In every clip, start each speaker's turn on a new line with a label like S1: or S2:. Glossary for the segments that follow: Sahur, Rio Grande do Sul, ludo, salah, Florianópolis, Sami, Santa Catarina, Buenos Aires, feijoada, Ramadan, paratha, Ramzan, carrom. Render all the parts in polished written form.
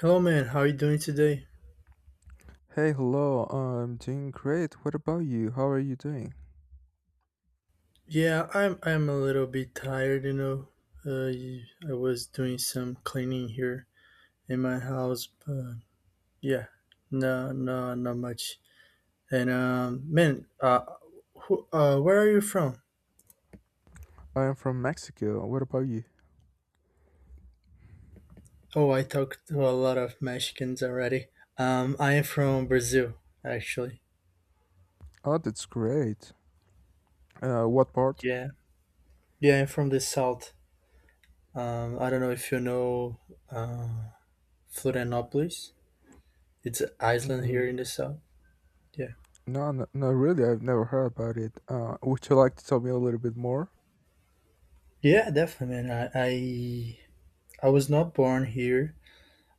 S1: Hello, man. How are you doing today?
S2: Hey, hello. I'm doing great. What about you? How are you doing?
S1: Yeah, I'm a little bit tired, you know. I was doing some cleaning here in my house, but yeah, no, no, not much. And um, man, uh, where are you from?
S2: I am from Mexico. What about you?
S1: Oh, I talked to a lot of Mexicans already. I am from Brazil, actually.
S2: Oh, that's great. What part?
S1: Yeah, yeah, I'm from the south. I don't know if you know, uh, Florianópolis. It's an island here
S2: Mm,
S1: in the south. Yeah.
S2: no, no, no, really, I've never heard about it. Would you like to tell me a little bit more?
S1: Yeah, definitely, man. I was not born here.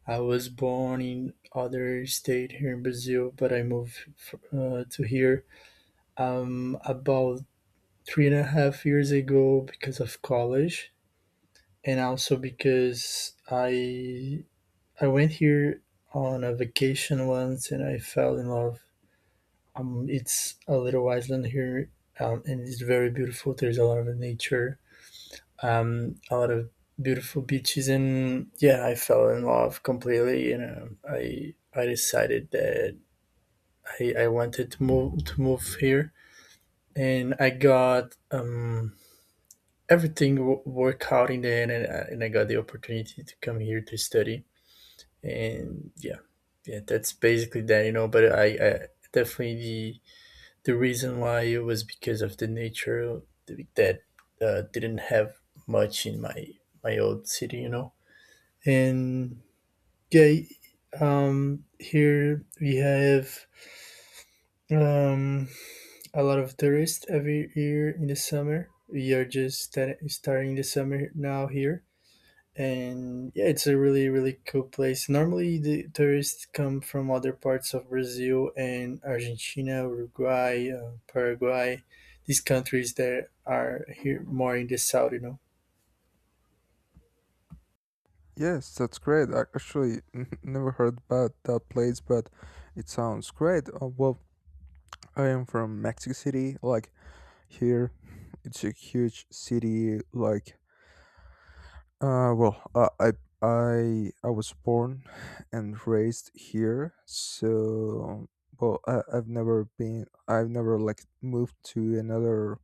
S1: I was born in other state here in Brazil, but I moved to here about three and a half years ago because of college, and also because I went here on a vacation once and I fell in love. It's a little island here, and it's very beautiful. There's a lot of nature, a lot of beautiful beaches, and yeah, I fell in love completely. You know, I decided that I wanted to move here, and I got, everything worked out in the end, and I got the opportunity to come here to study, and yeah, yeah, that's basically that. You know, but I definitely the reason why it was because of the nature that didn't have much in my old city. You know. And yeah, here we have, um, a lot of tourists every year in the summer. We are just starting the summer now here. And yeah, it's a really, really cool place. Normally, the tourists come from other parts of Brazil and Argentina, Uruguay, Paraguay, these countries that are here more in the south, you know.
S2: Yes, that's great. I actually never heard about that place, but it sounds great. Well, I am from Mexico City. Like, here, it's a huge city. Like, well, I was born and raised here. So, well, I've never been, I've never like moved to another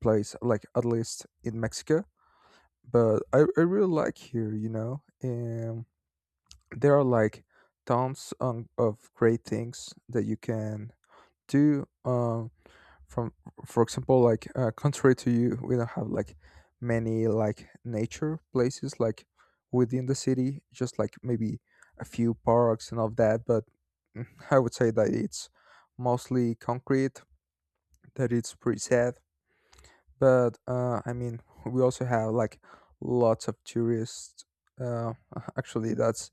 S2: place, like at least in Mexico. But I really like here, and there are like tons of great things that you can do. From For example, like, contrary to you, we don't have like many like nature places like within the city, just like maybe a few parks and all of that. But I would say that it's mostly concrete, that it's pretty sad. But I mean, we also have like lots of tourists. uh, Actually, that's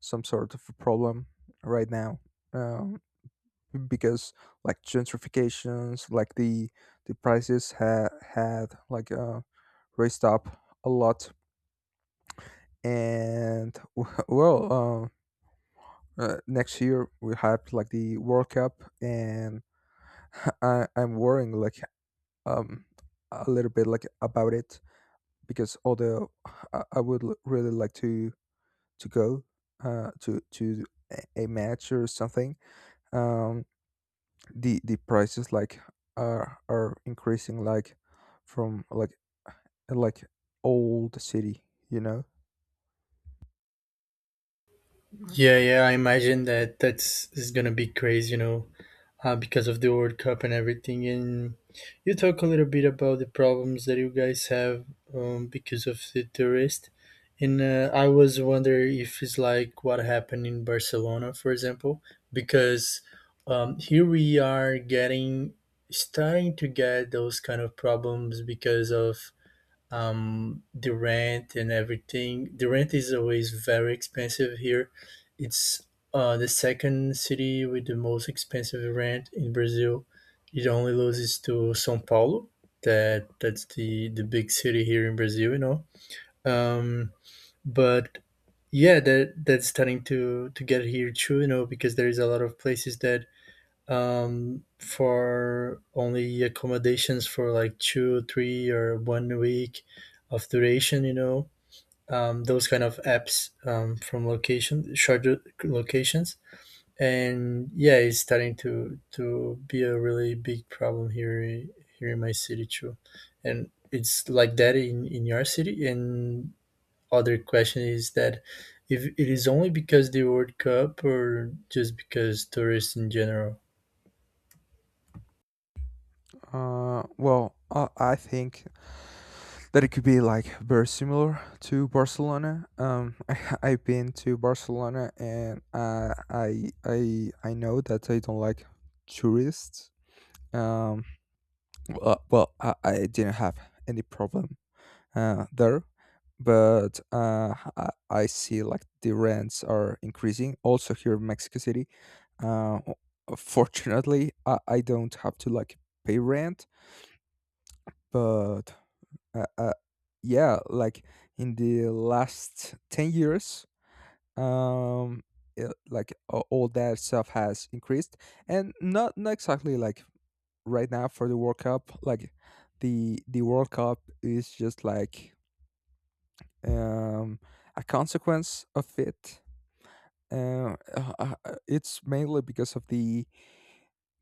S2: some sort of a problem right now. Uh, because like gentrifications, like the prices had like raised up a lot. And well, next year we have like the World Cup. And I'm worrying like um a little bit like about it because although I would really like to go to a match or something. um the prices like are increasing like from uh, like old city.
S1: Yeah, yeah, I imagine that that's is gonna be crazy, you know, because of the World Cup and everything. And you talk a little bit about the problems that you guys have, because of the tourist. And I was wondering if it's like what happened in Barcelona, for example, because here we are getting starting to get those kind of problems because of, the rent and everything. The rent is always very expensive here. It's the second city with the most expensive rent in Brazil. It only loses to Sao Paulo. That's the big city here in Brazil, you know. um but yeah, that's starting to get here too, you know, because there is a lot of places that, for only accommodations for like two, 3, or 1 week of duration. You know, those kind of apps, from location shorter locations, and yeah, it's starting to be a really big problem here in my city too, and it's like that in your city. And other question is that if it is only because the World Cup or just because tourists in general.
S2: Well, I think that it could be like very similar to Barcelona. I've been to Barcelona, and I know that I don't like tourists. um well, I didn't have any problem there. But I see like the rents are increasing also here in Mexico City. Fortunately, I don't have to like pay rent. But uh, uh, yeah, like in the last 10 years, um, it, like all that stuff has increased. And not exactly like right now for the World Cup. Like the World Cup is just like um, a consequence of it. It's mainly because of the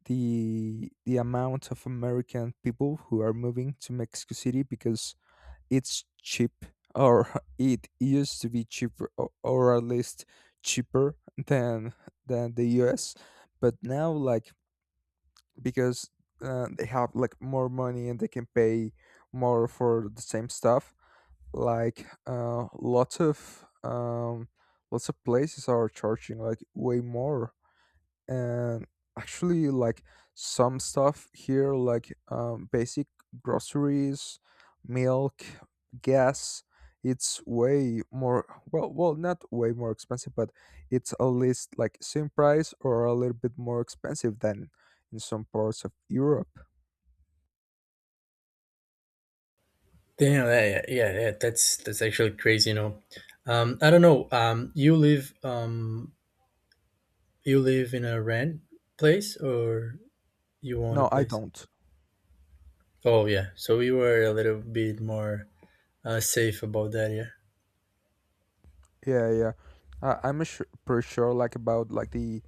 S2: the the amount of American people who are moving to Mexico City because it's cheap. Or it used to be cheaper. Or at least cheaper than than the U.S. But now, like, because they have like more money and they can pay more for the same stuff, like lots of places are charging like way more. And actually, like some stuff here, like basic groceries, milk, gas, it's way more. Well, not way more expensive, but it's at least like same price, or a little bit more expensive than in some parts of Europe.
S1: Damn, yeah, yeah, yeah, yeah, that's actually crazy, you know. I don't know. You live, you live in a rent place or you own
S2: No,
S1: a
S2: I
S1: place?
S2: don't.
S1: Oh yeah, so you were a little bit more, safe about that, yeah.
S2: Yeah, yeah, I'm sure, pretty sure like about like the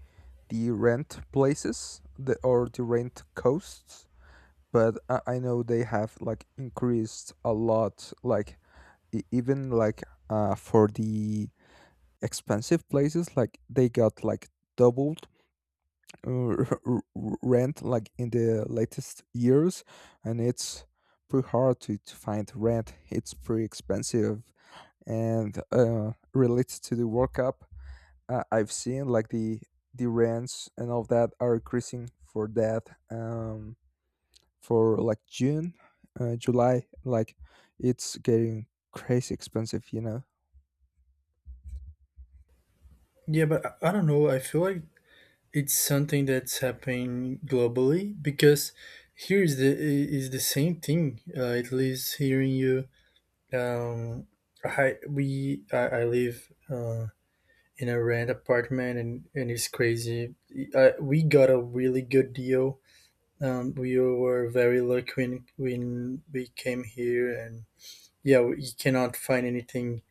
S2: the rent places, or the rent costs. But I know they have like increased a lot, like even like for the expensive places, like they got like doubled. uh, r- r- Rent like in the latest years. And it's pretty hard to find rent. It's pretty expensive. And related to the World Cup, I've seen like the rents and all that are increasing for that, um for like June, July. Like it's getting crazy expensive.
S1: Yeah, but I don't know. I feel like it's something that's happening globally because here is is the same thing. At least hearing you, um, I live. In a rent apartment, and it's crazy. We got a really good deal. We were very lucky when we came here, and yeah, you cannot find anything,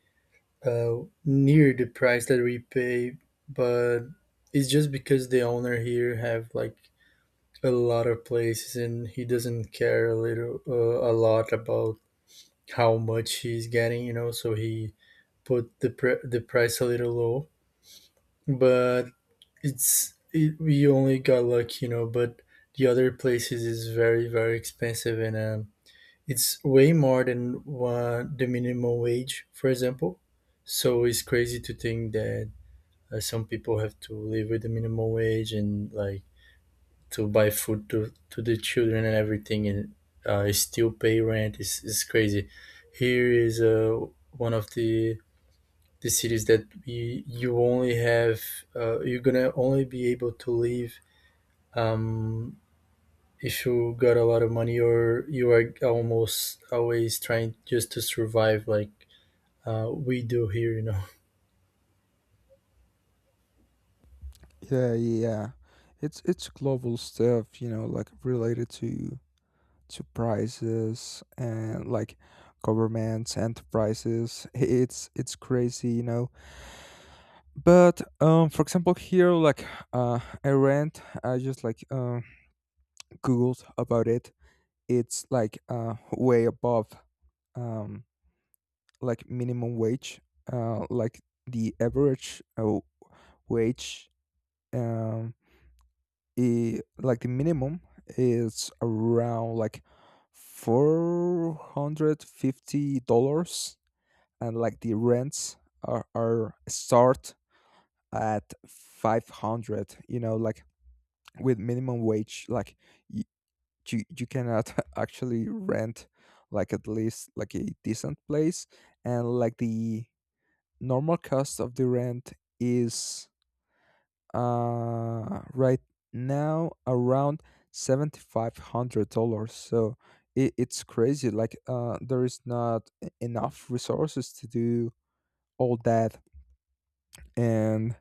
S1: uh, near the price that we pay, but it's just because the owner here have like a lot of places and he doesn't care a lot about how much he's getting, you know, so he put the price a little low. But we only got lucky, you know, but the other places is very very expensive, and it's way more than one, the minimum wage, for example. So it's crazy to think that some people have to live with the minimum wage and like to buy food to the children and everything, and still pay rent. It's crazy. Here is, one of the cities that we, you only have, you're gonna only be able to live, um, if you got a lot of money or you are almost always trying just to survive like we do here, you know.
S2: Yeah, yeah. It's global stuff, like related to prices and like governments, enterprises. It's crazy. But for example, here, like, uh, I rent. I just like googled about it. It's like way above, um, like minimum wage, like the average wage. Um, I like the minimum is around like $450, and like the rents are start at 500. You know, like with minimum wage, like you cannot actually rent, like, at least like a decent place. And like the normal cost of the rent is right now around $7,500. So it's crazy, like, there is not enough resources to do all that. And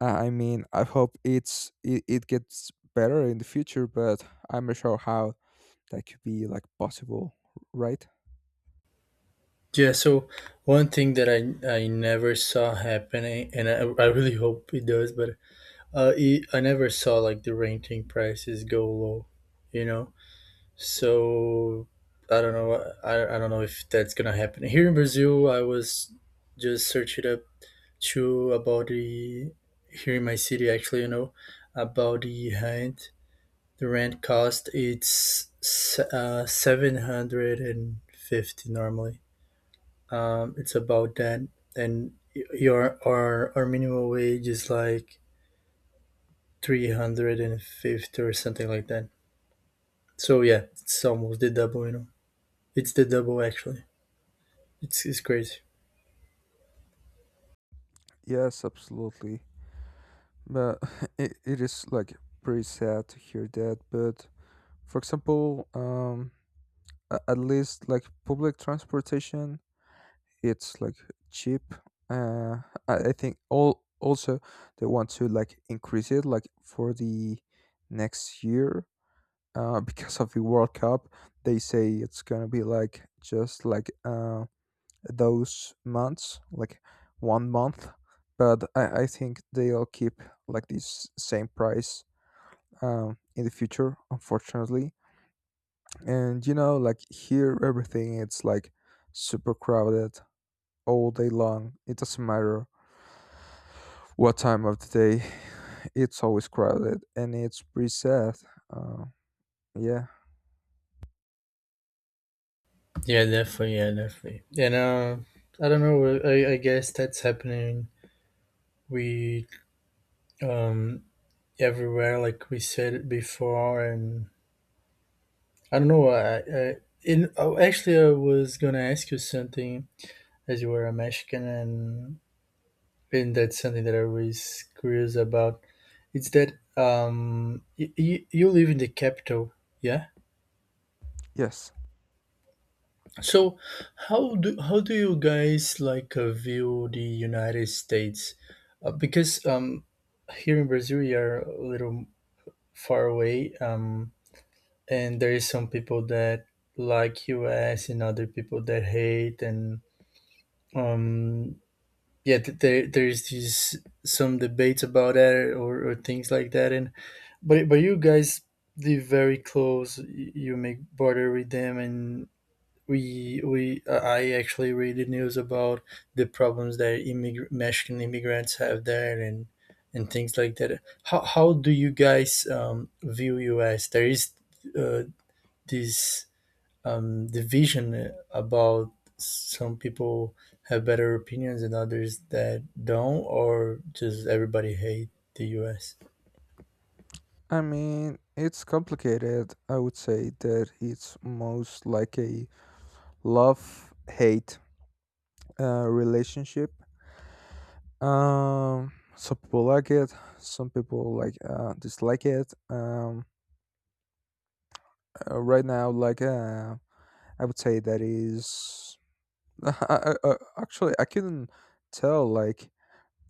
S2: I mean, I hope it gets better in the future. But I'm not sure how that could be like possible, right?
S1: Yeah, so one thing that I never saw happening, and I really hope it does, but I never saw like the renting prices go low, you know. So I don't know. I don't know if that's gonna happen here in Brazil. I was just searching up too about the here in my city actually. You know, about the rent. The rent cost it's 750 normally. It's about that, and y- your our minimum wage is like 350 or something like that. So yeah, it's almost the double. You know, it's the double actually. It's crazy.
S2: Yes, absolutely. But it is like pretty sad to hear that. But for example, at least like public transportation, it's like cheap. Uh, I think all also they want to like increase it like for the next year. Because of the World Cup, they say it's gonna be like just like those months, like one month. But I think they'll keep like this same price in the future, unfortunately. And you know, like here, everything it's like super crowded all day long. It doesn't matter what time of the day. It's always crowded, and it's pretty sad. uh, yeah.
S1: Yeah, definitely. Yeah, definitely. And I don't know. I guess that's happening. We um everywhere, like we said it before, and I don't know. Actually, I was gonna ask you something, as you were a Mexican, and that's something that I was curious about. It's that, you, you live in the capital, yeah.
S2: Yes,
S1: So, how do you guys like, view the United States? Because, here in Brazil, we are a little far away, and there is some people that like US and other people that hate, and um, yeah, there is this some debates about that or things like that, and but you guys live very close. You make border with them, and we I actually read the news about the problems that Mexican immigrants have there and things like that. How do you guys, view US? There is, uh, this, division about some people have better opinions and others that don't, or just everybody hate the US.
S2: I mean, it's complicated. I would say that it's most like a love hate relationship. Some people like it, some people like, dislike it. Right now, like, I would say that is I, I, actually, I couldn't tell, like,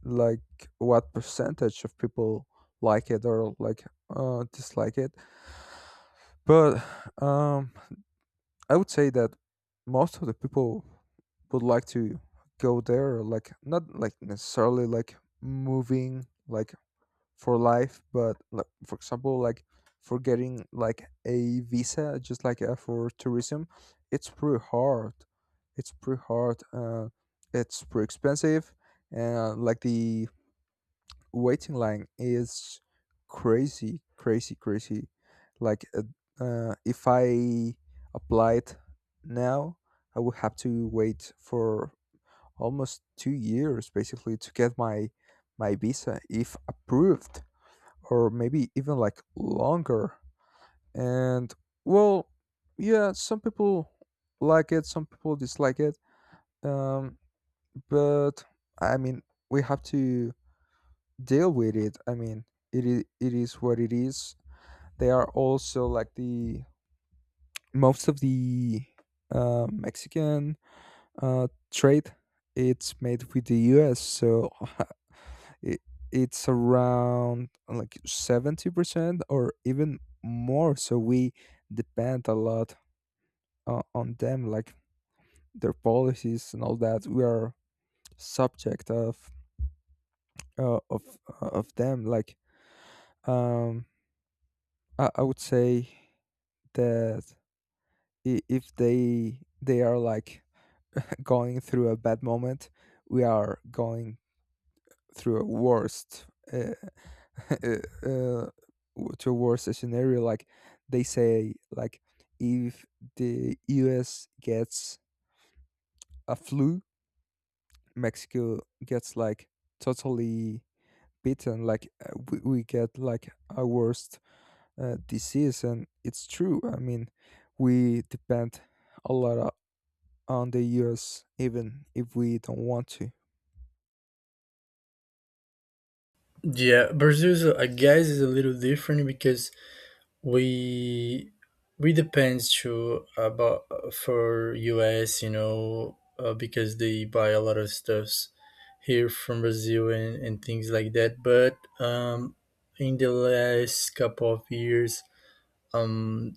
S2: like what percentage of people like it or like dislike it. But um I would say that most of the people would like to go there, like not like necessarily like moving like for life, but like for example, like for getting like a visa, just like for tourism. It's pretty hard. It's pretty hard. It's pretty expensive, and like the waiting line is crazy, crazy, crazy. Like, if I applied now, I would have to wait for almost 2 years basically to get my visa if approved, or maybe even like longer. And well, yeah, some people like it, some people dislike it. Um, but I mean, we have to deal with it. I mean, it is what it is. They are also like the most of the Mexican trade. It's made with the U.S., so it, it's around like 70% or even more. So we depend a lot on them, like their policies and all that. We are subject of uh, of of them. Like um, I would say that if they are like going through a bad moment, we are going through a worst. uh, uh, uh, to a worst scenario, like they say, like if the US gets a flu, Mexico gets like totally beaten. Like we get like a worst disease. And it's true. I mean, we depend a lot on the US, even if we don't want to.
S1: Yeah, Brazil, is, I guess, is a little different because we we depends to about for us, you know, because they buy a lot of stuffs here from Brazil and things like that, but um in the last couple of years, um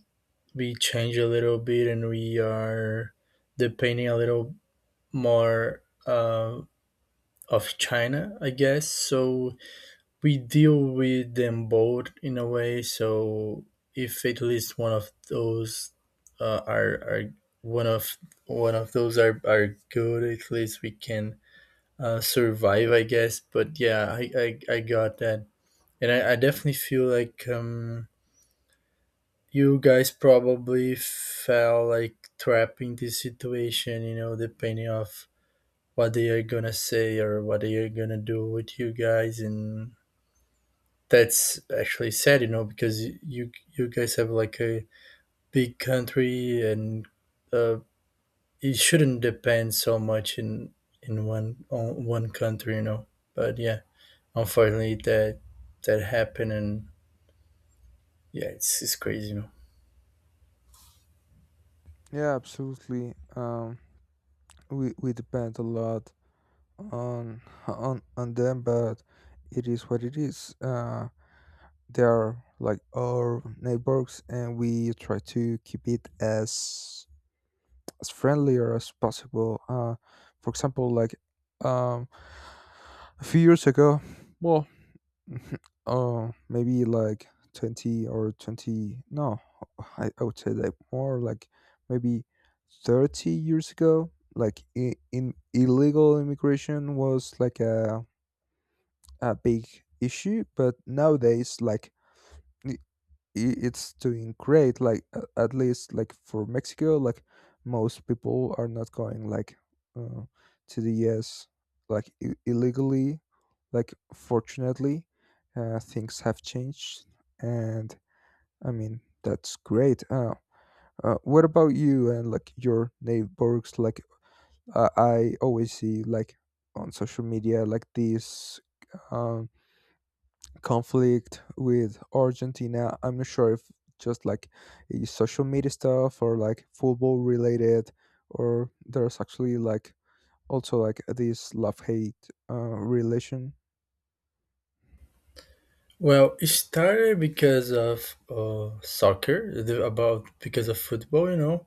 S1: we change a little bit and we are depending a little more, of China, I guess. So we deal with them both in a way. So if at least one of those, are one of those are good, at least we can, survive, I guess. But yeah, I got that, and I definitely feel like, you guys probably felt like trapped in this situation. You know, depending of what they are gonna say or what they are gonna do with you guys, and that's actually sad, you know, because you guys have like a big country, and uh, it shouldn't depend so much in one on one country, you know. But yeah, unfortunately, that happened, and yeah, it's crazy, you know.
S2: Yeah, absolutely. We depend a lot on them, but it is what it is. They are like our neighbors, and we try to keep it as friendlier as possible. For example, like, um, a few years ago, well, maybe like 20 or 20. No, I would say like more like maybe 30 years ago. Like in illegal immigration was like a big issue, but nowadays, like, it's doing great, like at least like for Mexico. Like most people are not going, like uh, to the US, like illegally, like, fortunately. Things have changed, and I mean, that's great. What about you and like your neighbors, like I always see like on social media like these um, conflict with Argentina. I'm not sure if just like a social media stuff or like football related, or there's actually like also like this love hate relation.
S1: Well, it started because of soccer, the, about because of football, you know.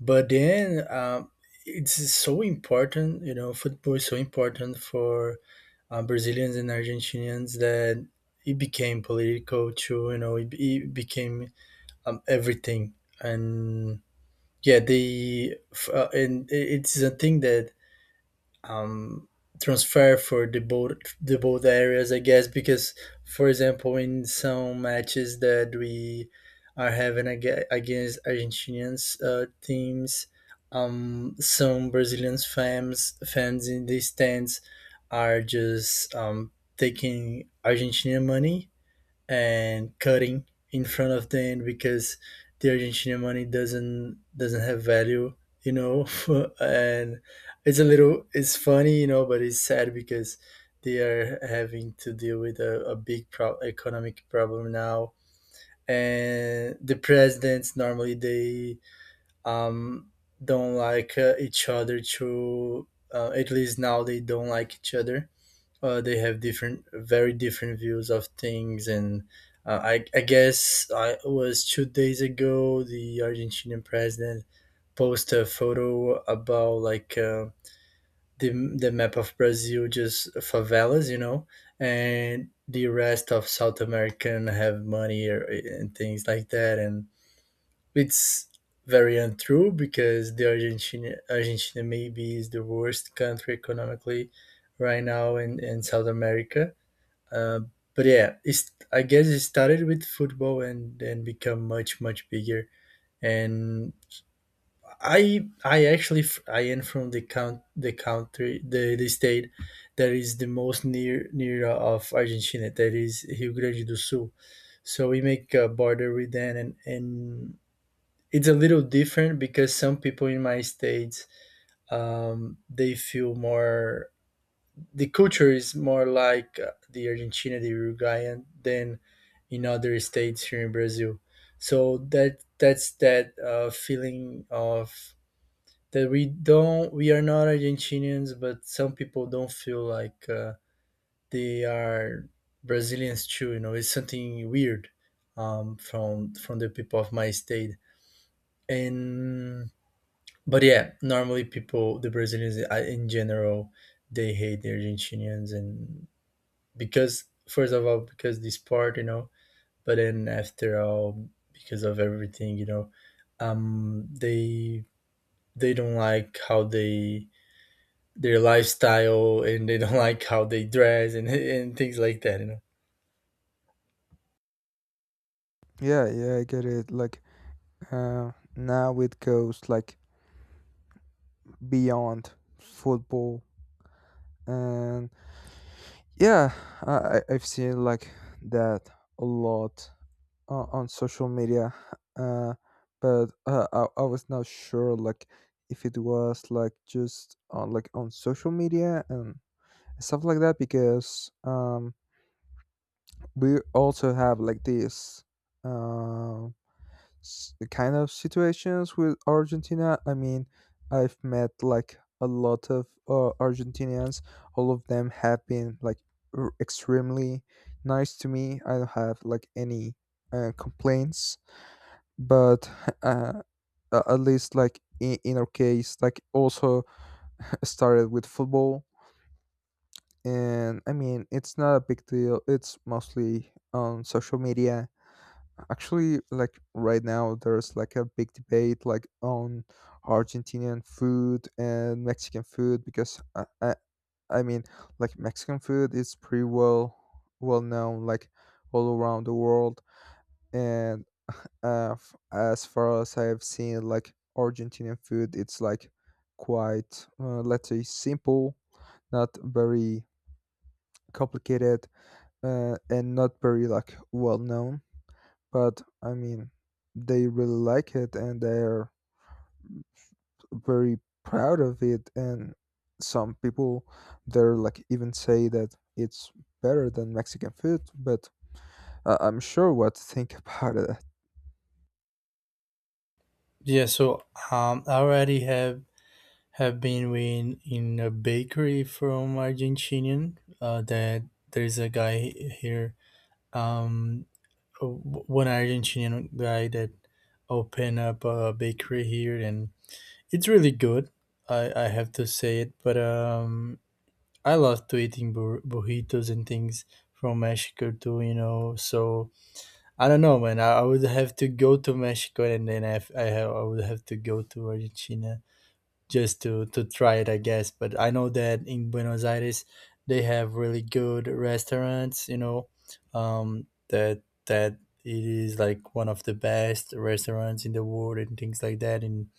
S1: But then, it's so important, you know, football is so important for, Brazilians and Argentinians, that it became political too, you know, it became, everything. And yeah, they, f- and it's a thing that, um, transfer for the both areas, I guess. Because, for example, in some matches that we are having against Argentinians, teams, some Brazilian fans in the stands are just, taking Argentinian money and cutting in front of them because the Argentinian money doesn't have value, you know. And it's a little it's funny, you know, but it's sad because they are having to deal with a big economic problem now. And the presidents normally they, um, don't like, each other to at least now they don't like each other. They have different very different views of things, and I guess I it was 2 days ago the Argentinian president posted a photo about like, the, the map of Brazil just favelas, you know, and the rest of South American have money or, and things like that, and it's very untrue because the Argentina maybe is the worst country economically right now in South America, uh, but yeah, it's, I guess it started with football and then become much bigger. And I actually I am from the country the state that is the most near of Argentina, that is Rio Grande do Sul. So we make a border with them, and it's a little different because some people in my states they feel more, the culture is more like the Argentina, the Uruguayan, than in other states here in Brazil. So that's that feeling of that we don't we are not Argentinians, but some people don't feel like they are Brazilians too. You know, it's something weird from the people of my state. And But yeah, normally people, the Brazilians in general, they hate the Argentinians, and because first of all because this part, but then after all because of everything, um they they don't like how they, their lifestyle, and they don't like how they dress, and things like that, you know.
S2: Yeah, yeah, I get it. Like, now it goes like beyond football, and yeah, I I've seen like that a lot on social media. uh but I was not sure like if it was like just on like on social media and stuff like that because we also have like this um kind of situations with Argentina. I mean, I've met like a lot of Argentinians. All of them have been like extremely nice to me. I don't have like any complaints. But uh, at least like in our case, like, also started with football. And I mean, it's not a big deal. It's mostly on social media. Actually, like right now there's like a big debate like on Argentinian food and Mexican food because I mean, like Mexican food is pretty well known like all around the world. And as far as I have seen, like Argentinian food, it's like quite, let's say, simple, not very complicated, and not very like well known. But I mean, they really like it, and they're very proud of it. And some people, they're like even say that it's better than Mexican food. But I'm sure what to think about it.
S1: Yeah, so I already have been in a bakery from Argentinian. That there's a guy here, um, one Argentinian guy that opened up a bakery here, and it's really good. I have to say it, but I love to eating burritos and things from Mexico too. You know, so I don't know, man. I would have to go to Mexico, and then I would have to go to Argentina just to try it, I guess. But I know that in Buenos Aires they have really good restaurants. You know, that that it is like one of the best restaurants in the world and things like that, and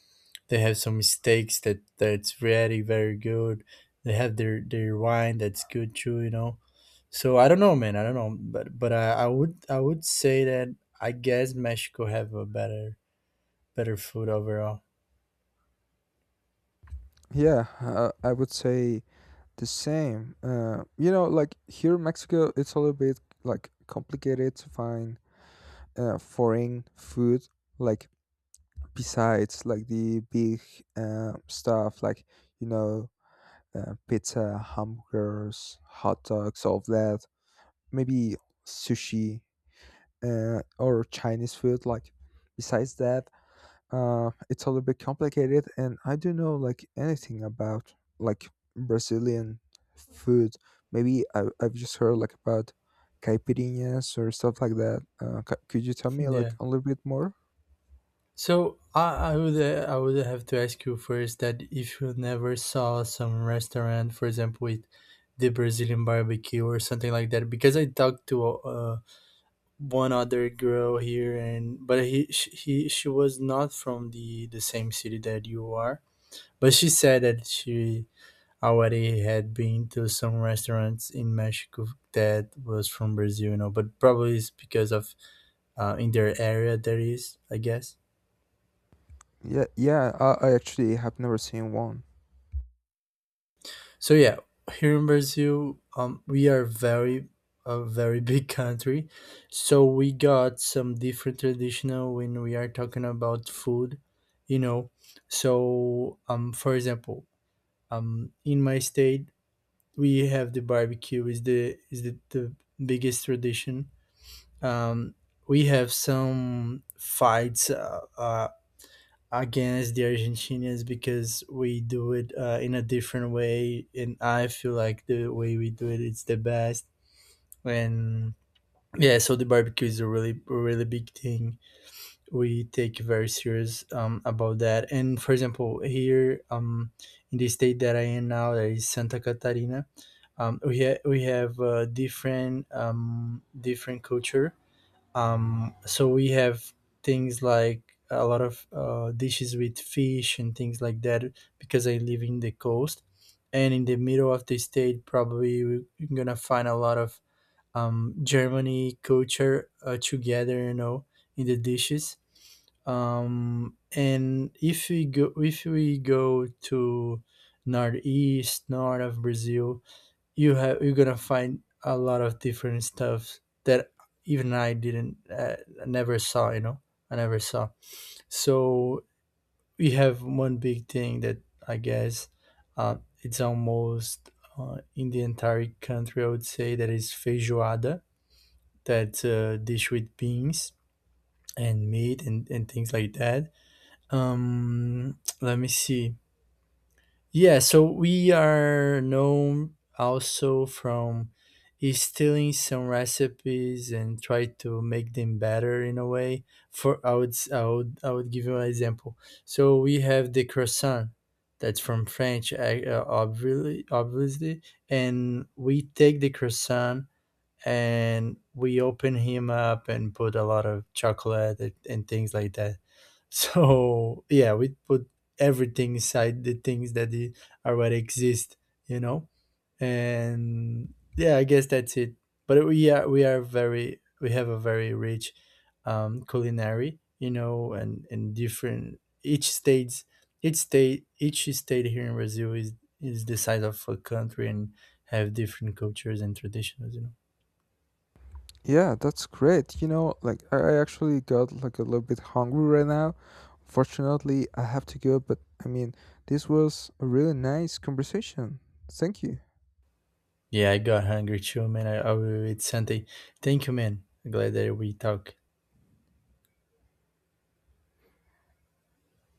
S1: they have some steaks that that's really very good. They have their wine that's good too, you know. So I don't know, man. I don't know, but I would say that I guess Mexico have a better food overall.
S2: Yeah, I would say the same. You know, like here in Mexico, it's a little bit like complicated to find foreign food. Like besides like the big stuff, like you know, pizza, hamburgers, hot dogs, all of that. Maybe sushi, or Chinese food. Like besides that, it's a little bit complicated, and I don't know like anything about like Brazilian food. Maybe I've just heard like about caipirinhas or stuff like that. Could you tell me
S1: Yeah.
S2: like a little bit more?
S1: So I would have to ask you first that if you never saw some restaurant, for example, with the Brazilian barbecue or something like that, because I talked to one other girl here, and but he sh- he she was not from the same city that you are, but she said that she already had been to some restaurants in Mexico that was from Brazil, you know, but probably it's because of, in their area there is, I guess.
S2: Yeah, yeah, I actually have never seen one.
S1: So yeah, here in Brazil, we are very a very big country, so we got some different traditional when we are talking about food, you know. So for example, in my state, we have the barbecue is the biggest tradition. Um, we have some fights. Against the Argentinians, because we do it in a different way, and I feel like the way we do it is the best. And yeah, so the barbecue is a really big thing. We take very serious about that. And for example, here in the state that I am now, that is Santa Catarina. We have different culture, so we have things like a lot of dishes with fish and things like that because I live in the coast. And in the middle of the state, probably you're gonna find a lot of Germany culture together, you know, in the dishes. And if we go to northeast, north of Brazil, you're gonna find a lot of different stuff that even I didn't never saw. You know, I never saw. So we have one big thing that I guess it's almost in the entire country. I would say that is feijoada. That's a dish with beans and meat, and things like that. Let me see. Yeah, so we are known also from stealing some recipes and try to make them better in a way. For I would s- I would give you an example. So we have the croissant that's from French, obviously, and we take the croissant and we open him up and put a lot of chocolate, and things like that. So yeah, we put everything inside the things that already exist, you know. And yeah, I guess that's it. But we have a very rich culinary, you know, and different each state here in Brazil is the size of a country, and have different cultures and traditions, you know.
S2: Yeah, that's great. Like I actually got like a little bit hungry right now. Fortunately, I have to go, but I mean, this was a really nice conversation. Thank you.
S1: Yeah, I got hungry too, man. I will eat something. Thank you, man. Glad that we talk.